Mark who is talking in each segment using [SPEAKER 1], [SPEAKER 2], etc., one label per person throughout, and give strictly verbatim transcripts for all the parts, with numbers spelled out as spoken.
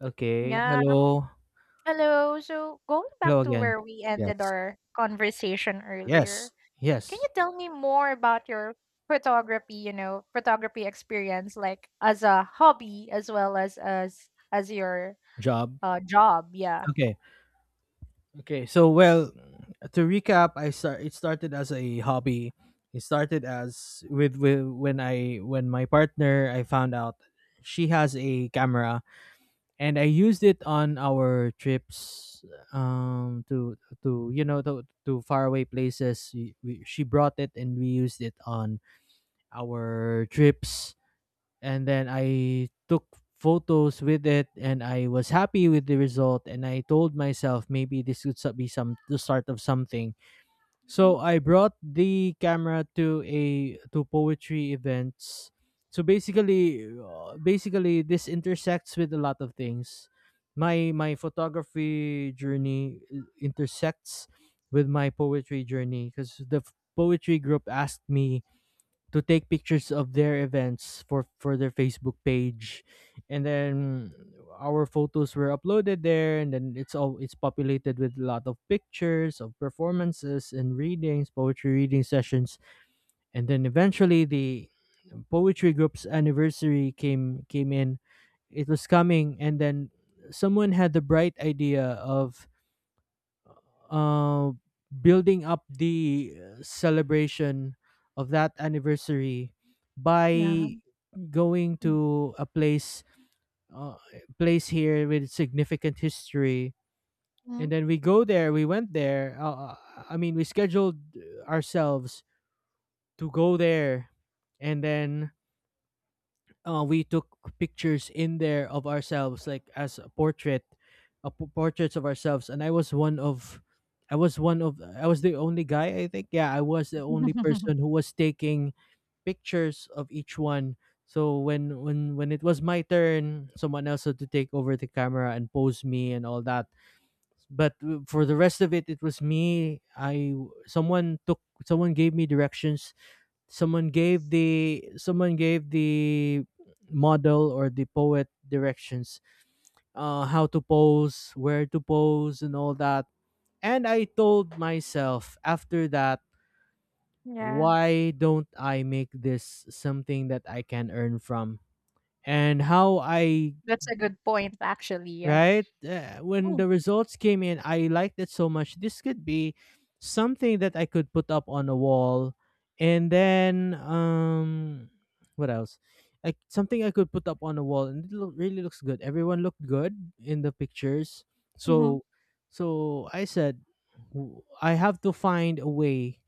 [SPEAKER 1] Okay.
[SPEAKER 2] Yeah.
[SPEAKER 1] Hello.
[SPEAKER 2] Hello. So going back
[SPEAKER 1] Hello
[SPEAKER 2] to
[SPEAKER 1] again.
[SPEAKER 2] where we ended
[SPEAKER 1] Yes.
[SPEAKER 2] our conversation earlier,
[SPEAKER 1] Yes.
[SPEAKER 2] can
[SPEAKER 1] Yes.
[SPEAKER 2] you tell me more about your photography, you know, photography experience, like as a hobby as well as as as your
[SPEAKER 1] Job.
[SPEAKER 2] uh job? Yeah.
[SPEAKER 1] Okay. Okay. So well, to recap, I start. It started as a hobby. It started as with, with when I when my partner I found out she has a camera and I used it on our trips um to to you know to to faraway places. We, we, she brought it and we used it on our trips, and then I took photos with it, and I was happy with the result, and I told myself maybe this could so- be some the start of something.
[SPEAKER 2] Mhm.
[SPEAKER 1] So I brought the camera to a to poetry events. So basically uh, basically this intersects with a lot of things. My my photography journey uh, intersects with my poetry journey because the f- poetry group asked me to take pictures of their events for for their Facebook page, and then our photos were uploaded there, and then it's all it's populated with a lot of pictures of performances and readings, poetry reading sessions. And then eventually the poetry group's anniversary came came in, it was coming. And then someone had the bright idea of uh building up the uh, celebration of that anniversary
[SPEAKER 2] Yeah.
[SPEAKER 1] by going
[SPEAKER 2] Mm.
[SPEAKER 1] to a place, uh, place here with significant history.
[SPEAKER 2] Mhm.
[SPEAKER 1] And then we go there we went there, uh, uh, I mean, we scheduled uh, ourselves to go there. And then uh, we took pictures in there of ourselves, like as a portrait, uh, portraits of ourselves. And i was one of i was one of I was the only guy, I think. Yeah, I was the only person who was taking pictures of each one. So when when when it was my turn, someone else had to take over the camera and pose me and all that. But w- for the rest of it, it was me. I someone took Someone gave me directions. Someone gave the someone gave the model or the poet directions, uh how to pose, where to pose and all that. And I told myself after that,
[SPEAKER 2] yeah.
[SPEAKER 1] why don't I make this something that I can earn from? And how I,
[SPEAKER 2] That's a good point actually. Yeah.
[SPEAKER 1] right? Uh, when
[SPEAKER 2] Oh,
[SPEAKER 1] the results came in, I liked it so much. This could be something that I could put up on a wall. And then, um, what else? Like something I could put up on a wall, and it look, really looks good. Everyone looked good in the pictures.
[SPEAKER 2] mhm.
[SPEAKER 1] So, so I said, "W- I have to find a way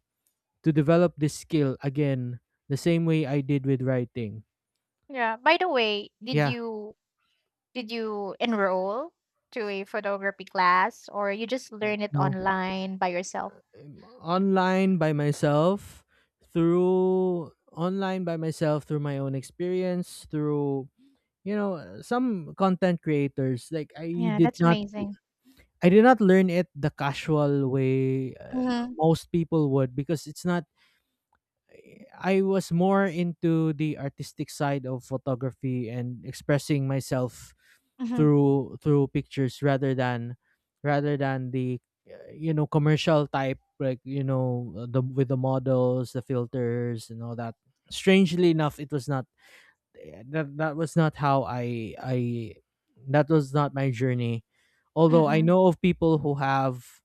[SPEAKER 1] to develop this skill again the same way I did with writing."
[SPEAKER 2] Yeah. By the way, did
[SPEAKER 1] Yeah.
[SPEAKER 2] you did you enroll to a photography class or you just
[SPEAKER 1] Mm.
[SPEAKER 2] learn it
[SPEAKER 1] No.
[SPEAKER 2] online by yourself?
[SPEAKER 1] um, Online by myself. Through Online by myself through my own experience, through you know, uh, some content creators. Like, I
[SPEAKER 2] Yeah,
[SPEAKER 1] did
[SPEAKER 2] that's
[SPEAKER 1] not
[SPEAKER 2] amazing.
[SPEAKER 1] I did not learn it the casual way uh,
[SPEAKER 2] Mhm,
[SPEAKER 1] most people would, because it's not, I was more into the artistic side of photography and expressing myself
[SPEAKER 2] mhm,
[SPEAKER 1] through through pictures, rather than rather than the uh, you know, commercial type. Like you know, uh, the with the models, the filters and all that. Strangely enough, it was not, eh, that that was not how I I that was not my journey, although I
[SPEAKER 2] mm.
[SPEAKER 1] know of people who have.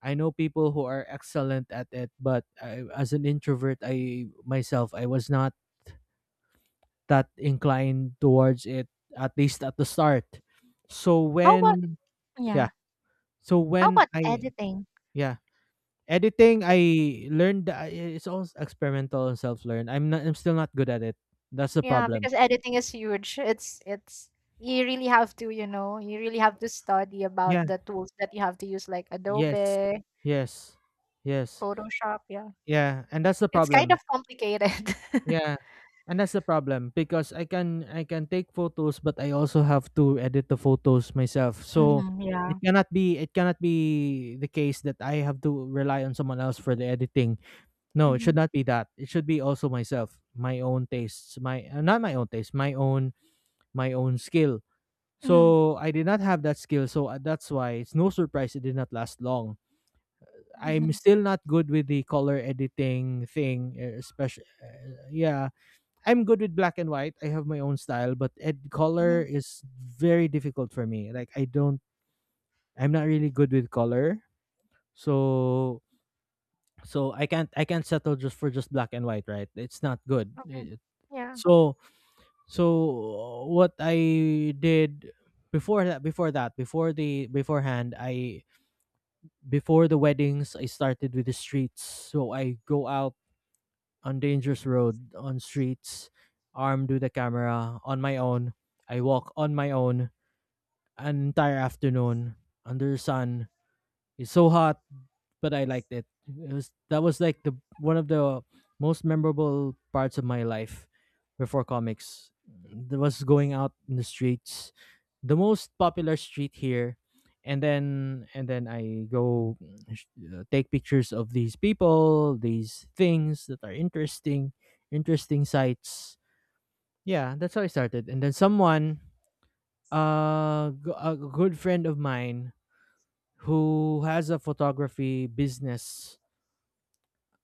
[SPEAKER 1] I know people who are excellent at it, but I, as an introvert, I myself, I was not that inclined towards it, at least at the start. So
[SPEAKER 2] How about
[SPEAKER 1] when, yeah,
[SPEAKER 2] yeah,
[SPEAKER 1] so
[SPEAKER 2] how
[SPEAKER 1] when
[SPEAKER 2] about
[SPEAKER 1] I,
[SPEAKER 2] editing?
[SPEAKER 1] yeah, editing, I learned that, I- it's all experimental and self learn. I'm not I'm still not good at it. That's the
[SPEAKER 2] Yeah,
[SPEAKER 1] problem.
[SPEAKER 2] because editing is huge. It's it's you really have to, you know, you really have to study about
[SPEAKER 1] Yeah.
[SPEAKER 2] the tools that you have to use, like
[SPEAKER 1] Yes.
[SPEAKER 2] Adobe,
[SPEAKER 1] Yes. Yes.
[SPEAKER 2] Photoshop. Yeah,
[SPEAKER 1] Yeah, and that's the
[SPEAKER 2] it's kind of
[SPEAKER 1] problem
[SPEAKER 2] complicated.
[SPEAKER 1] Yeah, and that's the problem, because I can, I can take photos, but I also have to edit the photos myself. So
[SPEAKER 2] Mhm, yeah.
[SPEAKER 1] it cannot be it cannot be the case that I have to rely on someone else for the editing. No, it
[SPEAKER 2] Mhm,
[SPEAKER 1] should not be that. It should be also myself, my own tastes, my uh, not my own taste, my own my own skill.
[SPEAKER 2] mhm,
[SPEAKER 1] So I did not have that skill, so uh, that's why it's no surprise it did not last long. I'm
[SPEAKER 2] mhm,
[SPEAKER 1] still not good with the color editing thing, especially. Yeah, I'm good with black and white. I have my own style, but ed color
[SPEAKER 2] mhm.
[SPEAKER 1] is very difficult for me. Like, I don't, I'm not really good with color. So, so I can't, I can't settle just for just black and white, right? It's not good.
[SPEAKER 2] Okay.
[SPEAKER 1] It-
[SPEAKER 2] Yeah.
[SPEAKER 1] so, so what I did, before that before that before the, beforehand, I, before the weddings, I started with the streets. So I go out on dangerous road, on streets, armed with a camera, on my own. I walk on my own an entire afternoon under the sun. It's so hot, but I liked it. It was That was like the one of the most memorable parts of my life before comics. There was going out in the streets, the most popular street here, and then and then I go uh, take pictures of these people, these things that are interesting, interesting sights. Yeah, that's how I started. And then someone, uh, g- a good friend of mine who has a photography business,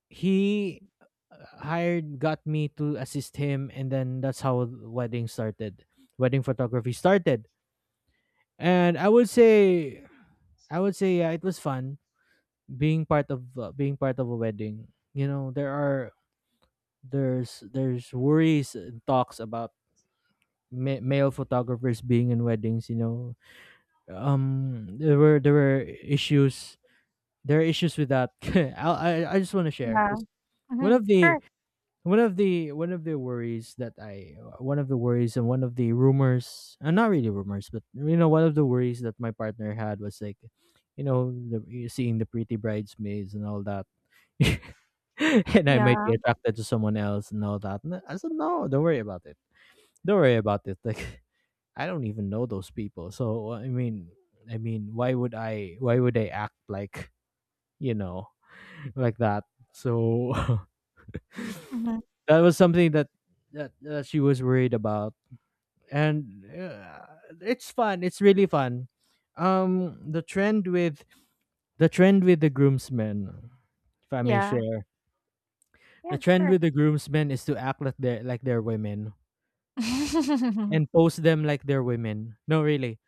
[SPEAKER 1] he uh, hired got me to assist him, and then that's how wedding started wedding photography started. And I would say, I would say, yeah, it was fun being part of, uh, being part of a wedding. You know, there are, there's there's worries and talks about ma- male photographers being in weddings, you know. Um there were, there were issues, there are issues with that. i i, I just want to share,
[SPEAKER 2] Yeah.
[SPEAKER 1] because one
[SPEAKER 2] Mhm.
[SPEAKER 1] of the,
[SPEAKER 2] Sure.
[SPEAKER 1] one of the one of the worries that I one of the worries, and one of the rumors, and not really rumors, but you know, one of the worries that my partner had was like, you know, the, you seeing the pretty bridesmaids and all that and I might
[SPEAKER 2] Yeah.
[SPEAKER 1] be attracted to someone else and all that. And I said, no, don't worry about it, don't worry about it. Like, I don't even know those people, so I mean, I mean, why would I why would I act like, you know, like that. So
[SPEAKER 2] Mhm.
[SPEAKER 1] that was something that, that, that she was worried about. And uh, it's fun. It's really fun. Um, the trend with the trend with the groomsmen, if I may
[SPEAKER 2] Yeah.
[SPEAKER 1] share,
[SPEAKER 2] Yeah.
[SPEAKER 1] the trend
[SPEAKER 2] Sure.
[SPEAKER 1] with the groomsmen is to act like they're, like they're women, and post them like they're women. No, really,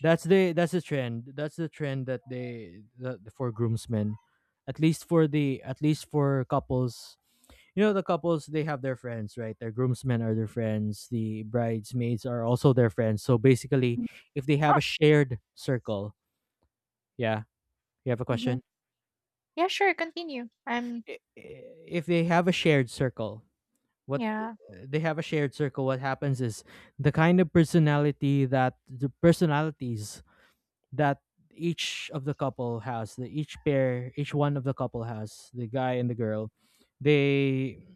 [SPEAKER 1] that's the, that's the trend. That's the trend that they, that for groomsmen, at least for the, at least for couples, you know, the couples, they have their friends, right? Their groomsmen are their friends, the bridesmaids are also their friends. So basically if they have a shared circle, yeah, you have a question.
[SPEAKER 2] Mhm. Yeah, sure, continue. I'm
[SPEAKER 1] I- i- if they have a shared circle, what,
[SPEAKER 2] yeah.
[SPEAKER 1] they have a shared circle what happens is, the kind of personality that, the personalities that, each of the couple has, the, each pair, each one of the couple has, the guy and the girl, they,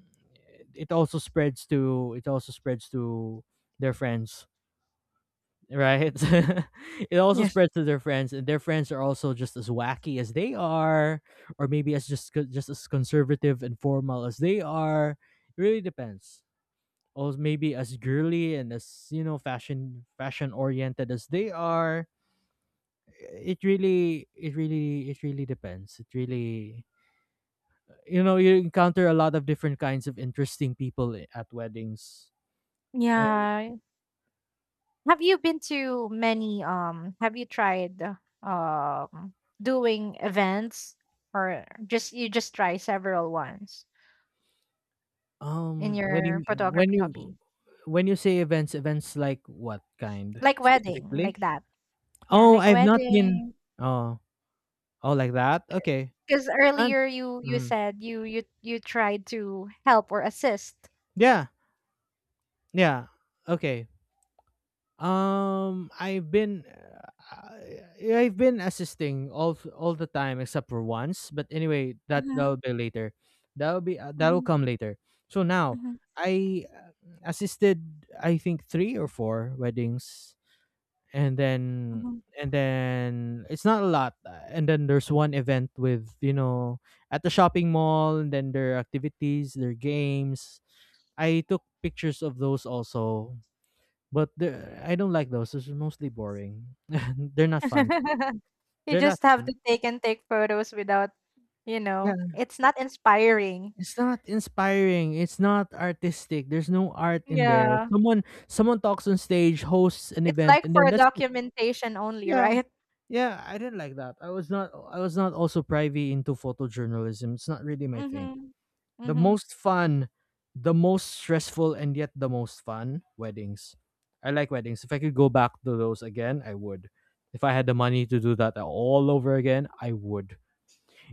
[SPEAKER 1] it also spreads to it also spreads to their friends, right? It also
[SPEAKER 2] Yes.
[SPEAKER 1] spreads to their friends, and their friends are also just as wacky as they are, or maybe as just co- just as conservative and formal as they are. It really depends. Or maybe as girly and as, you know, fashion fashion oriented as they are. It really it really it really depends. It really, you know, you encounter a lot of different kinds of interesting people i- at weddings. And
[SPEAKER 2] Yeah. Have you been to many um have you tried um doing events or just you just try several ones in
[SPEAKER 1] um when
[SPEAKER 2] your
[SPEAKER 1] you, when
[SPEAKER 2] photography
[SPEAKER 1] you
[SPEAKER 2] hobby?
[SPEAKER 1] when you say events, events like what kind
[SPEAKER 2] Like wedding, like
[SPEAKER 1] specifically?
[SPEAKER 2] that. Yeah,
[SPEAKER 1] Oh,
[SPEAKER 2] like
[SPEAKER 1] I've not been,
[SPEAKER 2] wedding.
[SPEAKER 1] oh, oh, like that. Okay.
[SPEAKER 2] Because
[SPEAKER 1] And,
[SPEAKER 2] earlier you you
[SPEAKER 1] mhm.
[SPEAKER 2] said you you you tried to help or assist.
[SPEAKER 1] Yeah. Yeah. Okay. Um, I've been, uh, I've been assisting all all the time except for once. But anyway, that
[SPEAKER 2] Mm-hmm,
[SPEAKER 1] that'll be later. That'll be, uh, that'll
[SPEAKER 2] mm-hmm,
[SPEAKER 1] come later. So now I uh, assisted, I think three or four weddings, and then,
[SPEAKER 2] mm-hmm,
[SPEAKER 1] and then it's not a lot. uh, And then there's one event with, you know, at the shopping mall, and then their activities, their games. I took pictures of those also, but the, I don't like those. It's mostly boring. They're not fun.
[SPEAKER 2] hmm You
[SPEAKER 1] They're not
[SPEAKER 2] just have
[SPEAKER 1] fun.
[SPEAKER 2] to take and take photos without, you
[SPEAKER 1] Yeah,
[SPEAKER 2] know, it's not inspiring.
[SPEAKER 1] it's not inspiring. It's not artistic. There's no art in there.
[SPEAKER 2] Yeah.
[SPEAKER 1] Someone someone talks on stage, hosts an
[SPEAKER 2] It's
[SPEAKER 1] event,
[SPEAKER 2] like
[SPEAKER 1] and
[SPEAKER 2] for
[SPEAKER 1] then that's it.
[SPEAKER 2] documentation only,
[SPEAKER 1] Yeah,
[SPEAKER 2] right?
[SPEAKER 1] yeah. I didn't like that. I was not. I was not also privy into photojournalism. It's not really my thing.
[SPEAKER 2] Mhm.
[SPEAKER 1] The
[SPEAKER 2] Mhm.
[SPEAKER 1] most fun, the most stressful, and yet the most fun, weddings. I like weddings. If I could go back to those again, I would. If I had the money to do that all over again, I would.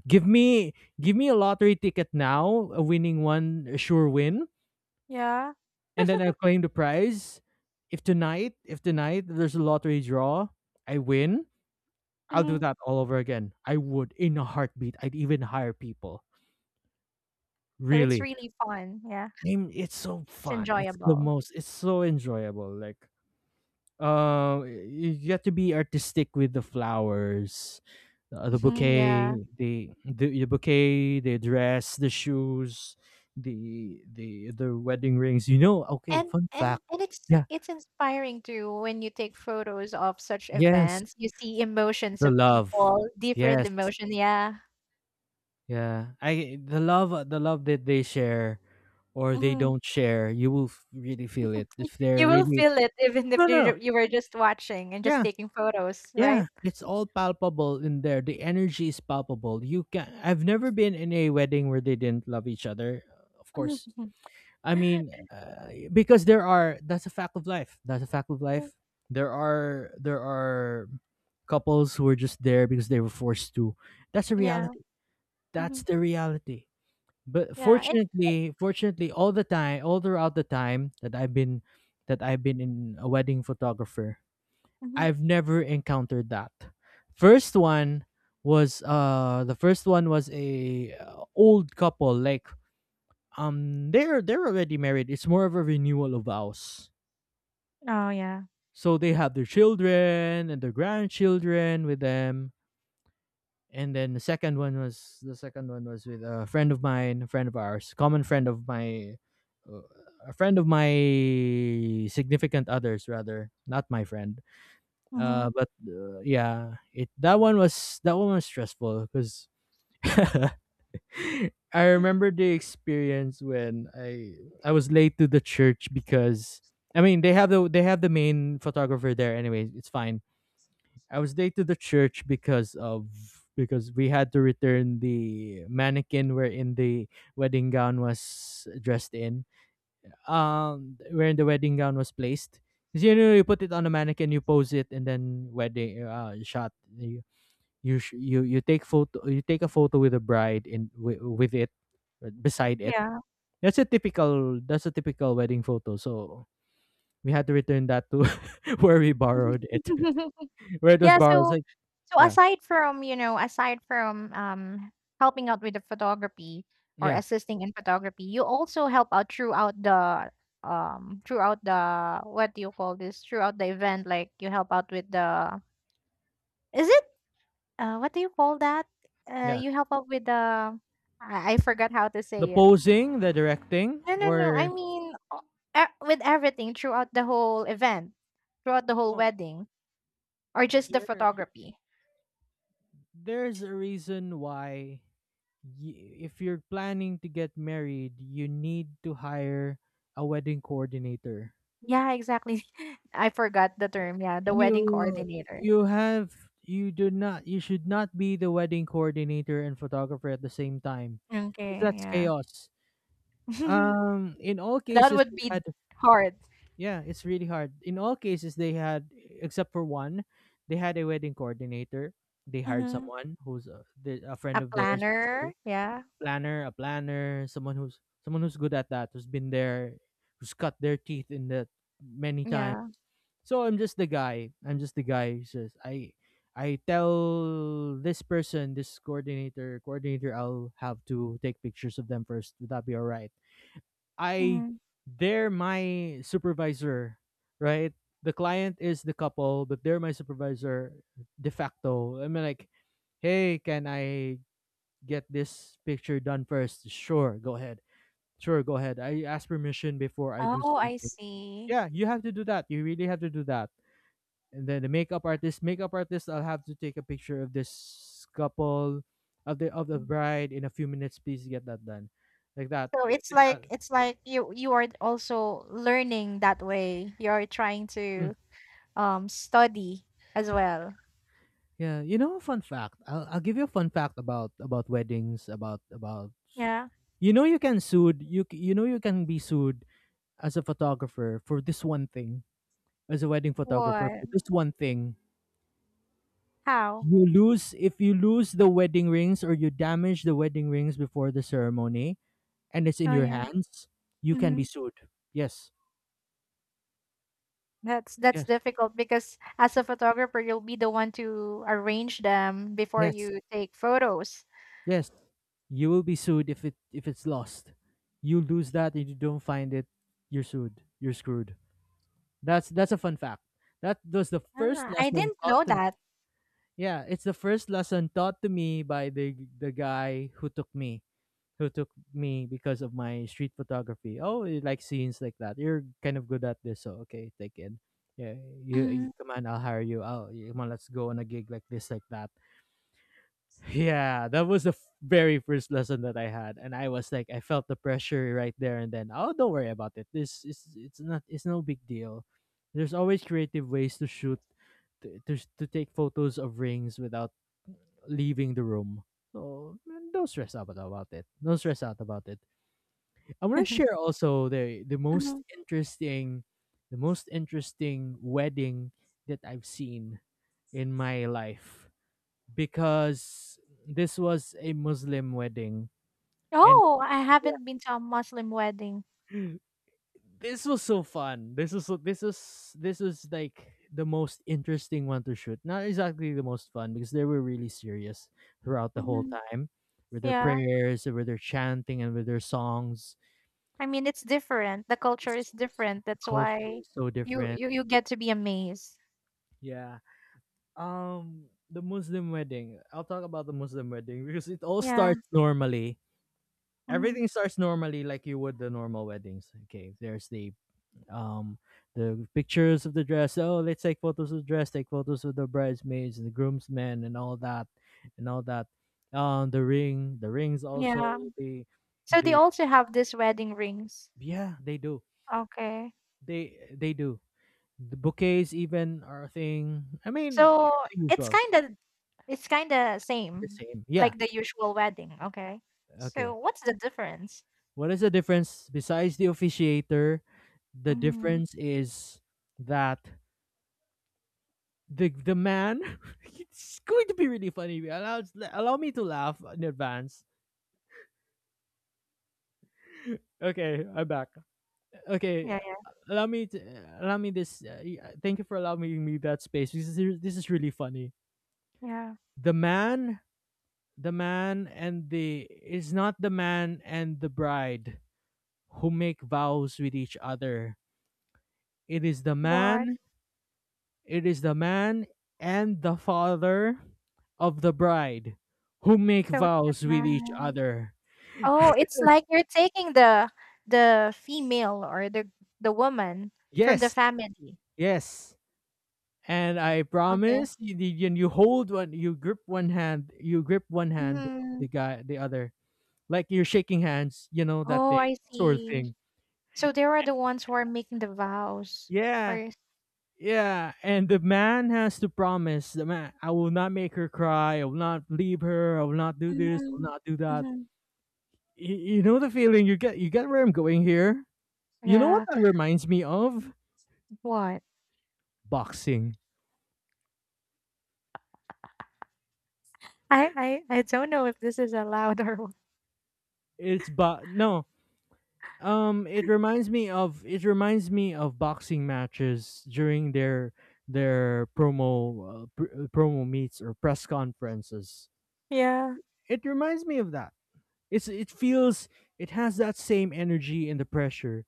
[SPEAKER 1] Give me, give me a lottery ticket now, a winning one, a sure win,
[SPEAKER 2] Yeah.
[SPEAKER 1] and then I'll claim the prize. If tonight, if tonight there's a lottery draw, I win, I'll do
[SPEAKER 2] Mhm.
[SPEAKER 1] that all over again. I would in a heartbeat. I'd even hire people.
[SPEAKER 2] So it's
[SPEAKER 1] Really.
[SPEAKER 2] really fun. Yeah.
[SPEAKER 1] I'm it's so
[SPEAKER 2] It's
[SPEAKER 1] fun. It's the
[SPEAKER 2] enjoyable.
[SPEAKER 1] most it's so enjoyable. Like um you get to be artistic with the flowers, uh, the
[SPEAKER 2] Mhm. Yeah.
[SPEAKER 1] bouquet, the, the the bouquet, the dress, the shoes, the the the wedding rings. You know, okay,
[SPEAKER 2] And
[SPEAKER 1] fun
[SPEAKER 2] and
[SPEAKER 1] fact.
[SPEAKER 2] and it's
[SPEAKER 1] Yeah.
[SPEAKER 2] it's inspiring too when you take photos of such
[SPEAKER 1] Yes,
[SPEAKER 2] events. You see emotions
[SPEAKER 1] the
[SPEAKER 2] of
[SPEAKER 1] love.
[SPEAKER 2] people, different
[SPEAKER 1] Yes.
[SPEAKER 2] emotion. Yeah.
[SPEAKER 1] Yeah. I the love uh, the love that they share or they
[SPEAKER 2] Mhm.
[SPEAKER 1] don't share, you will f- really feel it if they're
[SPEAKER 2] You will
[SPEAKER 1] really
[SPEAKER 2] feel it even
[SPEAKER 1] No,
[SPEAKER 2] if
[SPEAKER 1] no, no.
[SPEAKER 2] you you were just watching and just
[SPEAKER 1] Yeah.
[SPEAKER 2] taking photos, right?
[SPEAKER 1] Yeah, it's all palpable in there. The energy is palpable. You can I've never been in a wedding where they didn't love each other. Of course.
[SPEAKER 2] Mhm.
[SPEAKER 1] I mean, uh, because there are that's a fact of life. That's a fact of
[SPEAKER 2] Yeah,
[SPEAKER 1] life. There are there are couples who are just there because they were forced to. That's a
[SPEAKER 2] yeah,
[SPEAKER 1] reality. That's
[SPEAKER 2] mhm,
[SPEAKER 1] the reality. But
[SPEAKER 2] yeah, and
[SPEAKER 1] fortunately, fortunately all the time, all throughout the time that I've been that I've been in a wedding photographer,
[SPEAKER 2] mhm.
[SPEAKER 1] I've never encountered that. First one was uh The first one was a uh, old couple like um they're they're already married. It's more of a renewal of vows.
[SPEAKER 2] Oh, yeah,
[SPEAKER 1] So they have their children and their grandchildren with them. And then the second one was the second one was with a friend of mine, a friend of ours, common friend of my uh, a friend of my significant others rather, not my friend.
[SPEAKER 2] mhm,
[SPEAKER 1] Uh, but uh, yeah, it that one was that one was stressful because I remember the experience when I I was late to the church because I mean they have the they have the main photographer there anyway. It's fine. I was late to the church because of because we had to return the mannequin wherein the wedding gown was dressed in um where the wedding gown was placed. 'Cause, you know, you put it on a mannequin, you pose it, and then wedding uh, shot. You you sh- you you take photo. You take a photo with the bride in wi- with it uh, beside it.
[SPEAKER 2] yeah.
[SPEAKER 1] That's a typical. That's a typical wedding photo. So we had to return that to where we borrowed it, where it was
[SPEAKER 2] Yeah,
[SPEAKER 1] borrowed. It's
[SPEAKER 2] so
[SPEAKER 1] like
[SPEAKER 2] so
[SPEAKER 1] yeah,
[SPEAKER 2] aside from, you know, aside from, um, helping out with the photography or
[SPEAKER 1] yeah,
[SPEAKER 2] assisting in photography, you also help out throughout the, um, throughout the what do you call this? Throughout the event, like, you help out with the is it, uh, what do you call that? Uh,
[SPEAKER 1] yeah.
[SPEAKER 2] you help out with the I I forgot how to
[SPEAKER 1] The
[SPEAKER 2] say it.
[SPEAKER 1] posing, the directing,
[SPEAKER 2] No, no, no. I
[SPEAKER 1] or
[SPEAKER 2] mean, o e with everything throughout the whole event, throughout the whole
[SPEAKER 1] no,
[SPEAKER 2] wedding, or just the
[SPEAKER 1] there,
[SPEAKER 2] photography?
[SPEAKER 1] there's a reason why y- if you're planning to get married, you need to hire a wedding coordinator.
[SPEAKER 2] Yeah, exactly. I forgot the term. Yeah, the wedding
[SPEAKER 1] You
[SPEAKER 2] coordinator.
[SPEAKER 1] you have you do not, you should not be the wedding coordinator and photographer at the same time, because
[SPEAKER 2] Okay,
[SPEAKER 1] that's
[SPEAKER 2] yeah.
[SPEAKER 1] chaos. Um in all
[SPEAKER 2] That
[SPEAKER 1] cases
[SPEAKER 2] would
[SPEAKER 1] they
[SPEAKER 2] be
[SPEAKER 1] had
[SPEAKER 2] hard.
[SPEAKER 1] yeah, it's really hard. In all cases they had, except for one, they had a wedding coordinator. They hired
[SPEAKER 2] Mhm.
[SPEAKER 1] someone who's a, the- a
[SPEAKER 2] A
[SPEAKER 1] friend of theirs,
[SPEAKER 2] planner. Yeah,
[SPEAKER 1] planner, a planner, someone who's someone who's good at that, who's been there, who's cut their teeth in that many times.
[SPEAKER 2] yeah.
[SPEAKER 1] So I'm just the guy. I'm just the guy who says I I tell this person, this coordinator, coordinator, I'll have to take pictures of them first. Would that be alright? I
[SPEAKER 2] Mhm.
[SPEAKER 1] They're my supervisor, right? The client is the couple, but they're my supervisor de facto. I mean like, hey, can I get this picture done first. Sure, go ahead. Sure, go ahead. I ask permission before I do
[SPEAKER 2] Oh, I
[SPEAKER 1] something.
[SPEAKER 2] see.
[SPEAKER 1] Yeah, you have to do that. You really have to do that. And then the makeup artist, makeup artist, I'll have to take a picture of this couple, of the of the bride in a few minutes. Please get that done, like that.
[SPEAKER 2] So
[SPEAKER 1] Like
[SPEAKER 2] it's
[SPEAKER 1] that.
[SPEAKER 2] like it's like you you are also learning that way. You're trying
[SPEAKER 1] Mm.
[SPEAKER 2] to um study as well.
[SPEAKER 1] Yeah, you know, a fun fact. I'll I'll give you a fun fact about about weddings, about about
[SPEAKER 2] Yeah.
[SPEAKER 1] you know you can sued you c- you know you can be sued as a photographer for this one thing, as a wedding photographer
[SPEAKER 2] What?
[SPEAKER 1] for this one thing.
[SPEAKER 2] How?
[SPEAKER 1] You lose, if you lose the wedding rings or you damage the wedding rings before the ceremony and it's in
[SPEAKER 2] Oh,
[SPEAKER 1] your
[SPEAKER 2] yeah.
[SPEAKER 1] hands, you can be
[SPEAKER 2] Mhm.
[SPEAKER 1] sued. Yes.
[SPEAKER 2] That's that's
[SPEAKER 1] Yes.
[SPEAKER 2] difficult because as a photographer, you'll be the one to arrange them before
[SPEAKER 1] Yes.
[SPEAKER 2] you take photos.
[SPEAKER 1] Yes. You will be sued if it if it's lost. You lose that and you don't find it, you're sued. You're screwed. That's that's a fun fact. That was the first
[SPEAKER 2] Ah, I
[SPEAKER 1] lesson
[SPEAKER 2] didn't
[SPEAKER 1] taught
[SPEAKER 2] know
[SPEAKER 1] to me.
[SPEAKER 2] that.
[SPEAKER 1] Yeah, it's the first lesson taught to me by the the guy who took me, who took me because of my street photography. Oh, you like scenes like that. You're kind of good at this, so okay, take it. Yeah, you, you
[SPEAKER 2] Mhm,
[SPEAKER 1] come on, I'll hire you. Oh, yeah, come on, let's go on a gig like this, like that. Yeah, that was the f- very first lesson that I had, and I was like, I felt the pressure right there and then. Oh, don't worry about it. This is it's not, it's no big deal. There's always creative ways to shoot to, to s- to take photos of rings without leaving the room. So man, don't stress out about it. Don't stress out about it. I want to share also the the most
[SPEAKER 2] mhm.
[SPEAKER 1] interesting the most interesting wedding that I've seen in my life, because this was a Muslim wedding and
[SPEAKER 2] Oh, I
[SPEAKER 1] yeah,
[SPEAKER 2] haven't been to a Muslim wedding.
[SPEAKER 1] this was so fun this was so- this was this was like the most interesting one to shoot, not exactly the most fun because they were really serious throughout the whole
[SPEAKER 2] Mhm.
[SPEAKER 1] time with their
[SPEAKER 2] Yeah.
[SPEAKER 1] prayers, with their chanting, and with their songs.
[SPEAKER 2] I mean, it's different. The culture
[SPEAKER 1] It's-
[SPEAKER 2] is
[SPEAKER 1] the
[SPEAKER 2] different. That's
[SPEAKER 1] culture
[SPEAKER 2] why
[SPEAKER 1] is so
[SPEAKER 2] you
[SPEAKER 1] different,
[SPEAKER 2] you you get to be amazed.
[SPEAKER 1] yeah. Um, the Muslim wedding. I'll talk about the Muslim wedding because it all
[SPEAKER 2] Yeah.
[SPEAKER 1] starts normally.
[SPEAKER 2] Mhm.
[SPEAKER 1] Everything starts normally like you would the normal weddings. Okay, there's the um the pictures of the dress. Oh, let's take photos of the dress, take photos of the bridesmaids and the groomsmen and all that and all that. Um the ring, the rings, also
[SPEAKER 2] Yeah.
[SPEAKER 1] the
[SPEAKER 2] So they
[SPEAKER 1] the
[SPEAKER 2] also have this wedding rings.
[SPEAKER 1] yeah, they do.
[SPEAKER 2] Okay.
[SPEAKER 1] They they do. The bouquets even are a thing. I mean, uh,
[SPEAKER 2] So
[SPEAKER 1] the
[SPEAKER 2] it's
[SPEAKER 1] usual,
[SPEAKER 2] kind of It's kinda
[SPEAKER 1] the
[SPEAKER 2] same,
[SPEAKER 1] same. Yeah.
[SPEAKER 2] like the usual wedding, okay. So
[SPEAKER 1] Okay,
[SPEAKER 2] what's the difference?
[SPEAKER 1] what is the difference besides the officiator? The
[SPEAKER 2] Mm,
[SPEAKER 1] difference is that the the man it's going to be really funny. Allow allow me to laugh in advance. Okay, I'm back. Okay,
[SPEAKER 2] yeah, yeah.
[SPEAKER 1] allow me to allow me this. Uh, y- uh, thank you for allowing me that space. This is this is really funny.
[SPEAKER 2] Yeah,
[SPEAKER 1] The man, the man, and the is not the man and the bride who make vows with each other. It is the
[SPEAKER 2] but
[SPEAKER 1] man it is the man and the father of the bride who make
[SPEAKER 2] so the
[SPEAKER 1] vows with each
[SPEAKER 2] man.
[SPEAKER 1] other.
[SPEAKER 2] Oh, it's like you're taking the the female or the the woman from the
[SPEAKER 1] Yes,
[SPEAKER 2] family.
[SPEAKER 1] yes. And I
[SPEAKER 2] Okay.
[SPEAKER 1] promise you, you you hold one, you grip one hand, you grip one hand of
[SPEAKER 2] Mhm.
[SPEAKER 1] the guy, the other, like you're shaking hands, you know, that
[SPEAKER 2] Oh,
[SPEAKER 1] thing,
[SPEAKER 2] I
[SPEAKER 1] sort of
[SPEAKER 2] see.
[SPEAKER 1] thing.
[SPEAKER 2] So they were the ones who are making the vows or
[SPEAKER 1] Yeah,
[SPEAKER 2] is
[SPEAKER 1] yeah. And the man has to promise the man, I will not make her cry, I will not leave her, I will not do this, I will
[SPEAKER 2] Mhm,
[SPEAKER 1] not do that.
[SPEAKER 2] mhm.
[SPEAKER 1] You, you know the feeling you get, you get where I'm going here? You know what
[SPEAKER 2] Yeah.
[SPEAKER 1] that reminds me of?
[SPEAKER 2] What?
[SPEAKER 1] Boxing.
[SPEAKER 2] I I I don't know if this is allowed or what.
[SPEAKER 1] It's but no. Um, it reminds me of, it reminds me of boxing matches during their their promo uh, pr- uh, promo meets or press conferences.
[SPEAKER 2] Yeah,
[SPEAKER 1] It reminds me of that. It's it feels, it has that same energy and the pressure.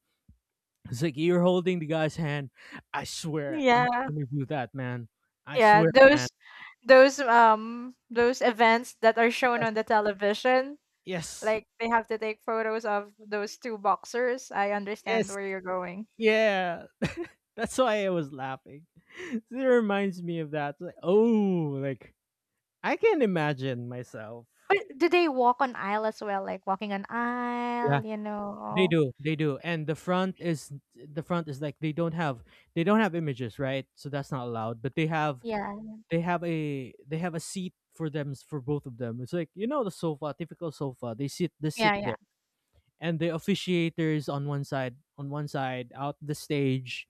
[SPEAKER 1] It's like you're holding the guy's hand. I swear, I'm
[SPEAKER 2] yeah.
[SPEAKER 1] not gonna do that, man. I
[SPEAKER 2] Yeah,
[SPEAKER 1] swear.
[SPEAKER 2] those those um those events that are shown
[SPEAKER 1] Yes,
[SPEAKER 2] on the television,
[SPEAKER 1] yes,
[SPEAKER 2] like they have to take photos of those two boxers. I understand
[SPEAKER 1] yes,
[SPEAKER 2] where you're going.
[SPEAKER 1] yeah. That's why I was laughing. It reminds me of that. Like, oh, like I can imagine myself.
[SPEAKER 2] But do they walk on aisle as well? Like walking on
[SPEAKER 1] Yeah,
[SPEAKER 2] aisle, you
[SPEAKER 1] they
[SPEAKER 2] know?
[SPEAKER 1] do. They do. And the front is, the front is like they don't have, they don't have images, right? So that's not allowed. But they have
[SPEAKER 2] Yeah,
[SPEAKER 1] they have a, they have a seat for them, for both of them. It's like you know the sofa, typical sofa. They sit they
[SPEAKER 2] yeah,
[SPEAKER 1] sit
[SPEAKER 2] yeah.
[SPEAKER 1] there. And the officiators on one side, on one side out the stage,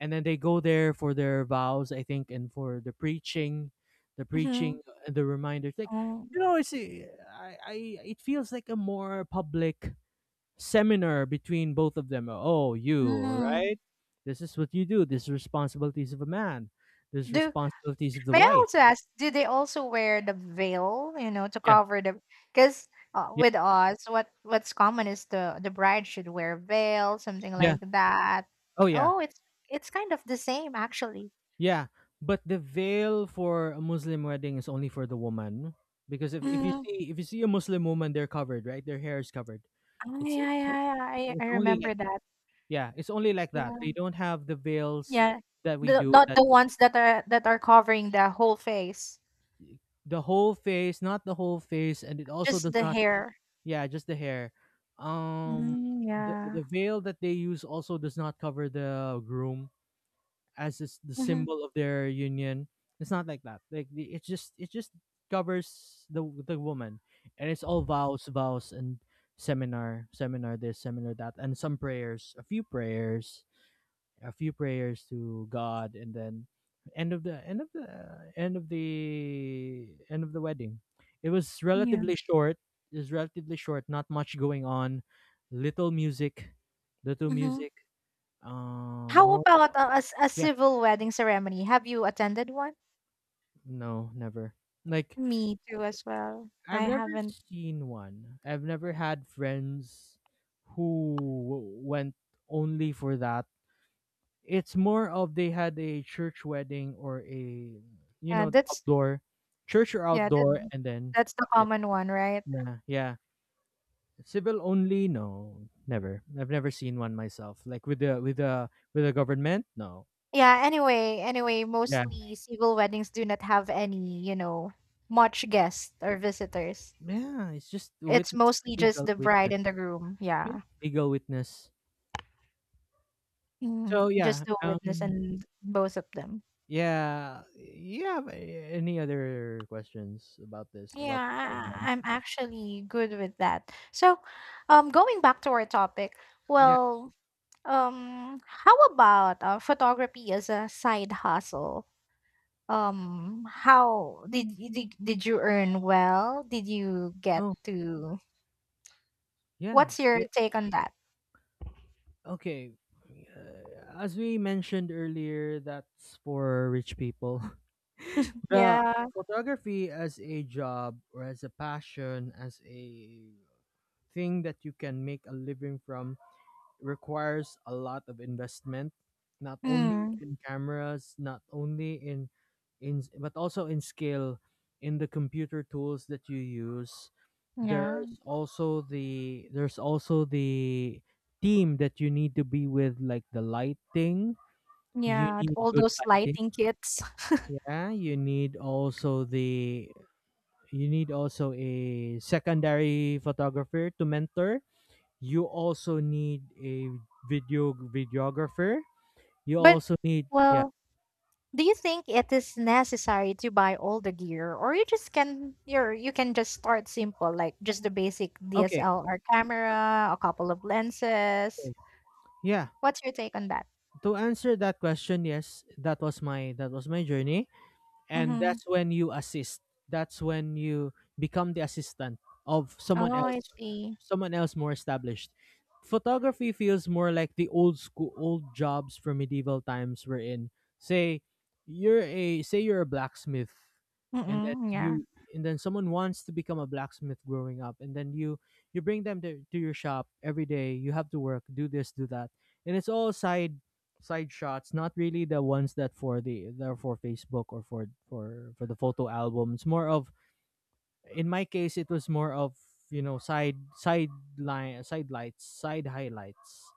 [SPEAKER 1] and then they go there for their vows I think, and for the preaching, the preaching
[SPEAKER 2] Mm-hmm.
[SPEAKER 1] and the reminders like,
[SPEAKER 2] mm
[SPEAKER 1] you know, it's a- I, I, it feels like a more public seminar between both of them. Oh, you
[SPEAKER 2] mm.
[SPEAKER 1] right, this is what you do, this is responsibilities of a man, this is
[SPEAKER 2] Do
[SPEAKER 1] responsibilities of the
[SPEAKER 2] May I
[SPEAKER 1] wife.
[SPEAKER 2] also ask, do they also wear the veil, you know, to
[SPEAKER 1] Yeah,
[SPEAKER 2] cover the because uh,
[SPEAKER 1] yeah,
[SPEAKER 2] with us, what what's common is the the bride should wear veil, something
[SPEAKER 1] yeah,
[SPEAKER 2] like that.
[SPEAKER 1] oh yeah.
[SPEAKER 2] Oh, it's it's kind of the same actually.
[SPEAKER 1] Yeah, but the veil for a Muslim wedding is only for the woman, because if, if you
[SPEAKER 2] Mm,
[SPEAKER 1] see, if you see a Muslim woman, they're covered, right? Their hair is covered.
[SPEAKER 2] oh,
[SPEAKER 1] It's
[SPEAKER 2] yeah,
[SPEAKER 1] it's
[SPEAKER 2] yeah. yeah. I, I
[SPEAKER 1] it's only like
[SPEAKER 2] remember
[SPEAKER 1] that.
[SPEAKER 2] that.
[SPEAKER 1] Yeah, it's only like
[SPEAKER 2] Yeah,
[SPEAKER 1] that. They don't have the veils
[SPEAKER 2] yeah.
[SPEAKER 1] that we
[SPEAKER 2] The,
[SPEAKER 1] do.
[SPEAKER 2] not
[SPEAKER 1] That
[SPEAKER 2] the ones that are that are covering the whole face,
[SPEAKER 1] the whole face, not the whole face, and it also
[SPEAKER 2] just
[SPEAKER 1] does
[SPEAKER 2] the
[SPEAKER 1] not.
[SPEAKER 2] hair.
[SPEAKER 1] Yeah, just the hair. Um,
[SPEAKER 2] Mm,
[SPEAKER 1] the
[SPEAKER 2] yeah.
[SPEAKER 1] the veil that they use also does not cover the groom, as is the
[SPEAKER 2] hmm
[SPEAKER 1] symbol of their union. It's not like that. Like the- it just it just covers the the woman, and it's all vows, vows, and seminar, seminar this, seminar that, and some prayers, a few prayers, a few prayers to God, and then end of the end of the end of the end of the wedding. It was
[SPEAKER 2] Yeah.
[SPEAKER 1] relatively short. It was relatively short. Not much going on. Little music, little
[SPEAKER 2] hmm
[SPEAKER 1] music. Um,
[SPEAKER 2] How
[SPEAKER 1] more
[SPEAKER 2] about a, a, s- a
[SPEAKER 1] yeah,
[SPEAKER 2] civil wedding ceremony? Have you attended one?
[SPEAKER 1] no, never. Like
[SPEAKER 2] Me too as well. I
[SPEAKER 1] I've never
[SPEAKER 2] haven't
[SPEAKER 1] seen one. I've never had friends who w- went only for that. It's more of they had a church wedding or a you
[SPEAKER 2] yeah,
[SPEAKER 1] know the
[SPEAKER 2] that's
[SPEAKER 1] outdoor church or
[SPEAKER 2] yeah,
[SPEAKER 1] outdoor
[SPEAKER 2] that
[SPEAKER 1] and then
[SPEAKER 2] that's the
[SPEAKER 1] that's it.
[SPEAKER 2] common one, right?
[SPEAKER 1] Yeah, yeah, civil only, no, never, I've never seen one myself, like with the with the with the government, no.
[SPEAKER 2] Yeah, anyway, anyway,
[SPEAKER 1] Yeah,
[SPEAKER 2] mostly civil weddings do not have any, you know, much guests or visitors.
[SPEAKER 1] yeah, it's just
[SPEAKER 2] It's
[SPEAKER 1] witness,
[SPEAKER 2] mostly just
[SPEAKER 1] legal
[SPEAKER 2] the bride
[SPEAKER 1] witness,
[SPEAKER 2] and the groom. Yeah.
[SPEAKER 1] legal witness. so
[SPEAKER 2] Mm, just
[SPEAKER 1] yeah
[SPEAKER 2] the
[SPEAKER 1] um,
[SPEAKER 2] witness and both of them.
[SPEAKER 1] Yeah. You have a- any other questions about this?
[SPEAKER 2] Yeah,
[SPEAKER 1] About what I've
[SPEAKER 2] I,
[SPEAKER 1] done?
[SPEAKER 2] I- am actually good with that. So, um, going back to our topic,
[SPEAKER 1] Yeah.
[SPEAKER 2] well, um, how about uh, photography as a side hustle? Um, how did you did, did you earn well? Did you get
[SPEAKER 1] Oh,
[SPEAKER 2] to
[SPEAKER 1] yeah.
[SPEAKER 2] what's
[SPEAKER 1] I
[SPEAKER 2] your
[SPEAKER 1] did.
[SPEAKER 2] take on that?
[SPEAKER 1] Okay. Uh, as we mentioned earlier, that's for rich people. The
[SPEAKER 2] Yeah.
[SPEAKER 1] photography as a job or as a passion, as a thing that you can make a living from, requires a lot of investment, not only
[SPEAKER 2] Mm,
[SPEAKER 1] in cameras, not only in in but also in skill in the computer tools that you use.
[SPEAKER 2] yeah.
[SPEAKER 1] There's also the there's also the team that you need to be with, like the lighting. You
[SPEAKER 2] Yeah.
[SPEAKER 1] need
[SPEAKER 2] All
[SPEAKER 1] good
[SPEAKER 2] those
[SPEAKER 1] lighting.
[SPEAKER 2] lighting kits.
[SPEAKER 1] Yeah, you need also the you need also a secondary photographer to mentor. You also need a video videographer. You
[SPEAKER 2] But
[SPEAKER 1] also need, yeah.
[SPEAKER 2] well, do you think it is necessary to buy all the gear or you just can you're you can just start simple like just the basic
[SPEAKER 1] Okay.
[SPEAKER 2] D S L R camera, a couple of lenses.
[SPEAKER 1] Okay. Yeah.
[SPEAKER 2] What's your take on that?
[SPEAKER 1] To answer that question, yes, that was my that was my journey. And
[SPEAKER 2] Mhm.
[SPEAKER 1] that's when you assist, that's when you become the assistant of
[SPEAKER 2] Oh,
[SPEAKER 1] someone
[SPEAKER 2] I
[SPEAKER 1] else,
[SPEAKER 2] see.
[SPEAKER 1] someone else more established. Photography feels more like the old school old jobs from medieval times. We're in, say you're a, say you're a blacksmith, and then
[SPEAKER 2] Mm-mm,
[SPEAKER 1] you and then someone wants to become a blacksmith growing up, and then you you bring them to, to your shop every day. You have to work, do this, do that. And it's all side side shots, not really the ones that for the that are for Facebook or for for for the photo album. It's more of, in my case it was more of, you know, side side line, side lights, side highlights,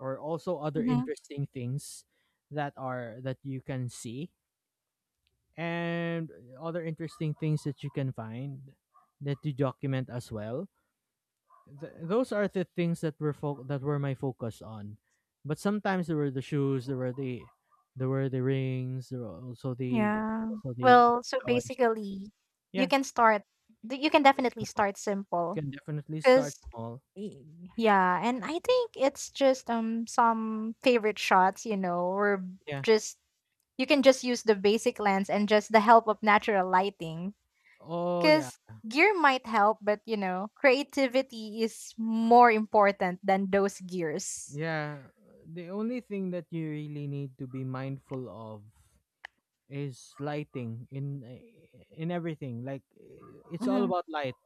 [SPEAKER 1] or also other
[SPEAKER 2] yeah.
[SPEAKER 1] interesting things that are that you can see, and other interesting things that you can find, that you document as well. Th- those are the things that were fo- that were my focus on. But sometimes there were the shoes, there were the there were the rings, there were also the
[SPEAKER 2] Yeah.
[SPEAKER 1] also the
[SPEAKER 2] Well, so
[SPEAKER 1] flowers.
[SPEAKER 2] basically, you
[SPEAKER 1] Yeah,
[SPEAKER 2] can start d- you can definitely start simple
[SPEAKER 1] you can definitely start
[SPEAKER 2] cuz
[SPEAKER 1] small.
[SPEAKER 2] Mm. yeah, and I think it's just um some favorite shots, you know, or
[SPEAKER 1] Yeah.
[SPEAKER 2] just you can just use the basic lens and just the help of natural lighting
[SPEAKER 1] Oh yeah.
[SPEAKER 2] cuz gear might help, but you know, creativity is more important than those gears.
[SPEAKER 1] Yeah. The only thing that you really need to be mindful of is lighting in in everything. Like, it's all
[SPEAKER 2] Mhm.
[SPEAKER 1] about light.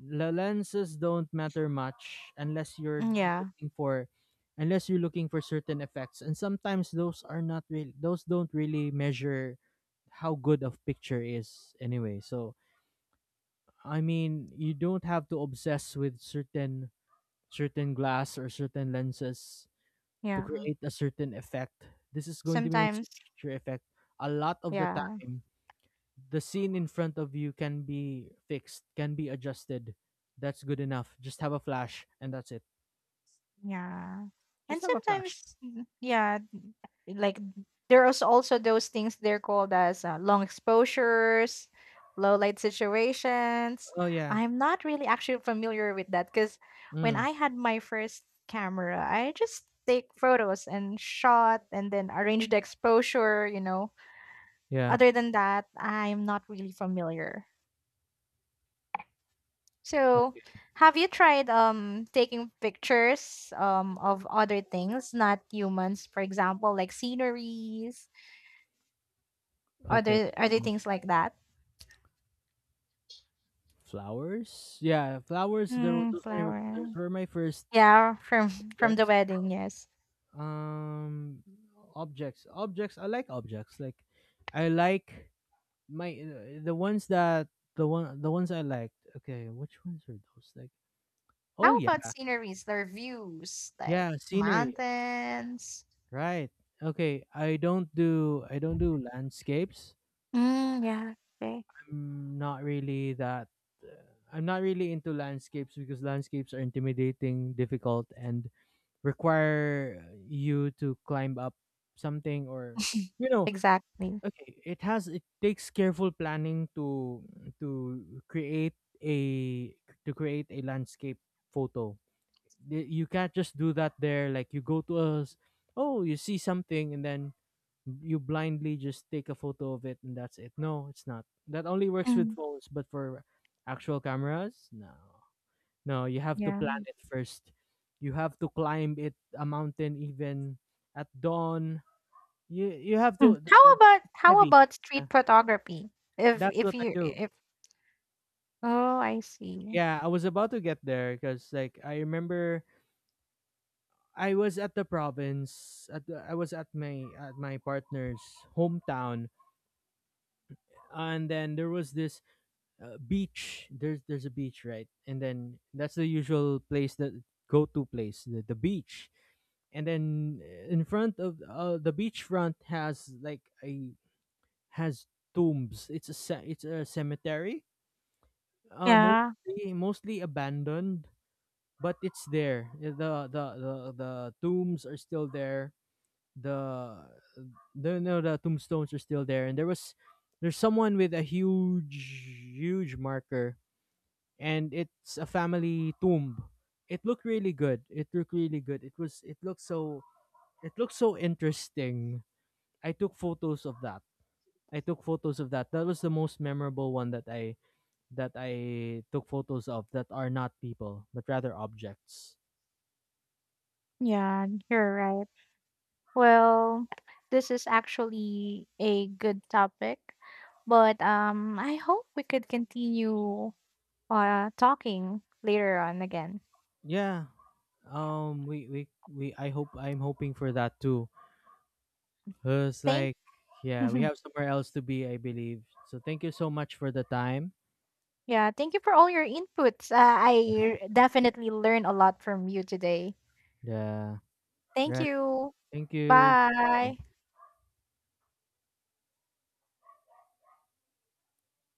[SPEAKER 1] The lenses don't matter much unless you're
[SPEAKER 2] Yeah.
[SPEAKER 1] looking for, unless you're looking for certain effects, and sometimes those are not really, those don't really measure how good of picture is anyway. So I mean, you don't have to obsess with certain certain glass or certain lenses to
[SPEAKER 2] Yeah.
[SPEAKER 1] create a certain effect. This is going to be a
[SPEAKER 2] Sometimes,
[SPEAKER 1] certain effect. A lot of the
[SPEAKER 2] yeah.
[SPEAKER 1] time the scene in front of you can be fixed, can be adjusted. That's good enough. Just have a flash, and that's it.
[SPEAKER 2] Yeah. And
[SPEAKER 1] Just have a flash.
[SPEAKER 2] sometimes, mm, yeah, like there is also those things they're called as uh, long exposures, low light situations.
[SPEAKER 1] Oh yeah.
[SPEAKER 2] I'm not really actually familiar with that because when
[SPEAKER 1] Mm,
[SPEAKER 2] I had my first camera, I just take photos and shot and then arrange the exposure, you know.
[SPEAKER 1] yeah.
[SPEAKER 2] Other than that, I'm not really familiar. So,
[SPEAKER 1] Okay.
[SPEAKER 2] have you tried um taking pictures um of other things, not humans, for example, like sceneries,
[SPEAKER 1] Okay.
[SPEAKER 2] other other
[SPEAKER 1] Um,
[SPEAKER 2] things like that?
[SPEAKER 1] Flowers? Yeah, flowers. There were
[SPEAKER 2] Mm,
[SPEAKER 1] those, were my- those
[SPEAKER 2] flower.
[SPEAKER 1] were my first
[SPEAKER 2] Yeah, from from the
[SPEAKER 1] objects.
[SPEAKER 2] wedding, yes.
[SPEAKER 1] Um, Objects. Objects. I like objects. Like, I like my uh, the ones that, the one the ones I liked. Okay, which ones are those? Like, oh
[SPEAKER 2] How
[SPEAKER 1] yeah,
[SPEAKER 2] about sceneries, their views, like
[SPEAKER 1] yeah, scenery,
[SPEAKER 2] mountains?
[SPEAKER 1] right. Okay. I don't do I don't do landscapes.
[SPEAKER 2] Mm, yeah, okay.
[SPEAKER 1] I'm not really that I'm not really into landscapes because landscapes are intimidating, difficult, and require you to climb up something, or you know,
[SPEAKER 2] Exactly.
[SPEAKER 1] okay, it has it takes careful planning to to create a to create a landscape photo. Y- You can't just do that there, like you go to us, oh, you see something and then you blindly just take a photo of it and that's it. No, it's not. That only works with
[SPEAKER 2] Mm,
[SPEAKER 1] phones, but for actual cameras, no. No, you have to
[SPEAKER 2] yeah.
[SPEAKER 1] plan it first. You have to climb it a mountain even at dawn. You you have
[SPEAKER 2] Mm.
[SPEAKER 1] to th-
[SPEAKER 2] How
[SPEAKER 1] th-
[SPEAKER 2] about
[SPEAKER 1] It's
[SPEAKER 2] how
[SPEAKER 1] heavy.
[SPEAKER 2] about
[SPEAKER 1] Yeah.
[SPEAKER 2] street photography? If
[SPEAKER 1] That's
[SPEAKER 2] if
[SPEAKER 1] what I
[SPEAKER 2] you
[SPEAKER 1] do.
[SPEAKER 2] if oh, I see.
[SPEAKER 1] Yeah, I was about to get there cuz like I remember I was at the province at the, I was at my at my partner's hometown, and then there was this uh, beach. There's there's a beach, right? And then that's the usual place that go to place, the, the beach. And then uh, in front of uh, the beachfront has like a has tombs. It's a ce- it's a cemetery. Uh,
[SPEAKER 2] Yeah.
[SPEAKER 1] mostly mostly abandoned, but it's there. The the the the tombs are still there. The the no the tombstones are still there. And there was there's someone with a huge huge marker, and it's a family tomb. It looked really good. It looked really good. It was it looked so it looked so interesting. I took photos of that. I took photos of that. That was the most memorable one that I that I took photos of that are not people, but rather objects.
[SPEAKER 2] Yeah, you're right. Well, this is actually a good topic, but um, I hope we could continue uh talking later on again.
[SPEAKER 1] Yeah. Um we we, we, I hope, I'm hoping for that too. Uh, It's
[SPEAKER 2] Thank,
[SPEAKER 1] like, yeah, we have somewhere else to be, I believe. So thank you so much for the time.
[SPEAKER 2] yeah, thank you for all your inputs. Uh, I definitely learned a lot from you today.
[SPEAKER 1] Yeah.
[SPEAKER 2] Thank
[SPEAKER 1] Right.
[SPEAKER 2] you.
[SPEAKER 1] Thank you.
[SPEAKER 2] Bye.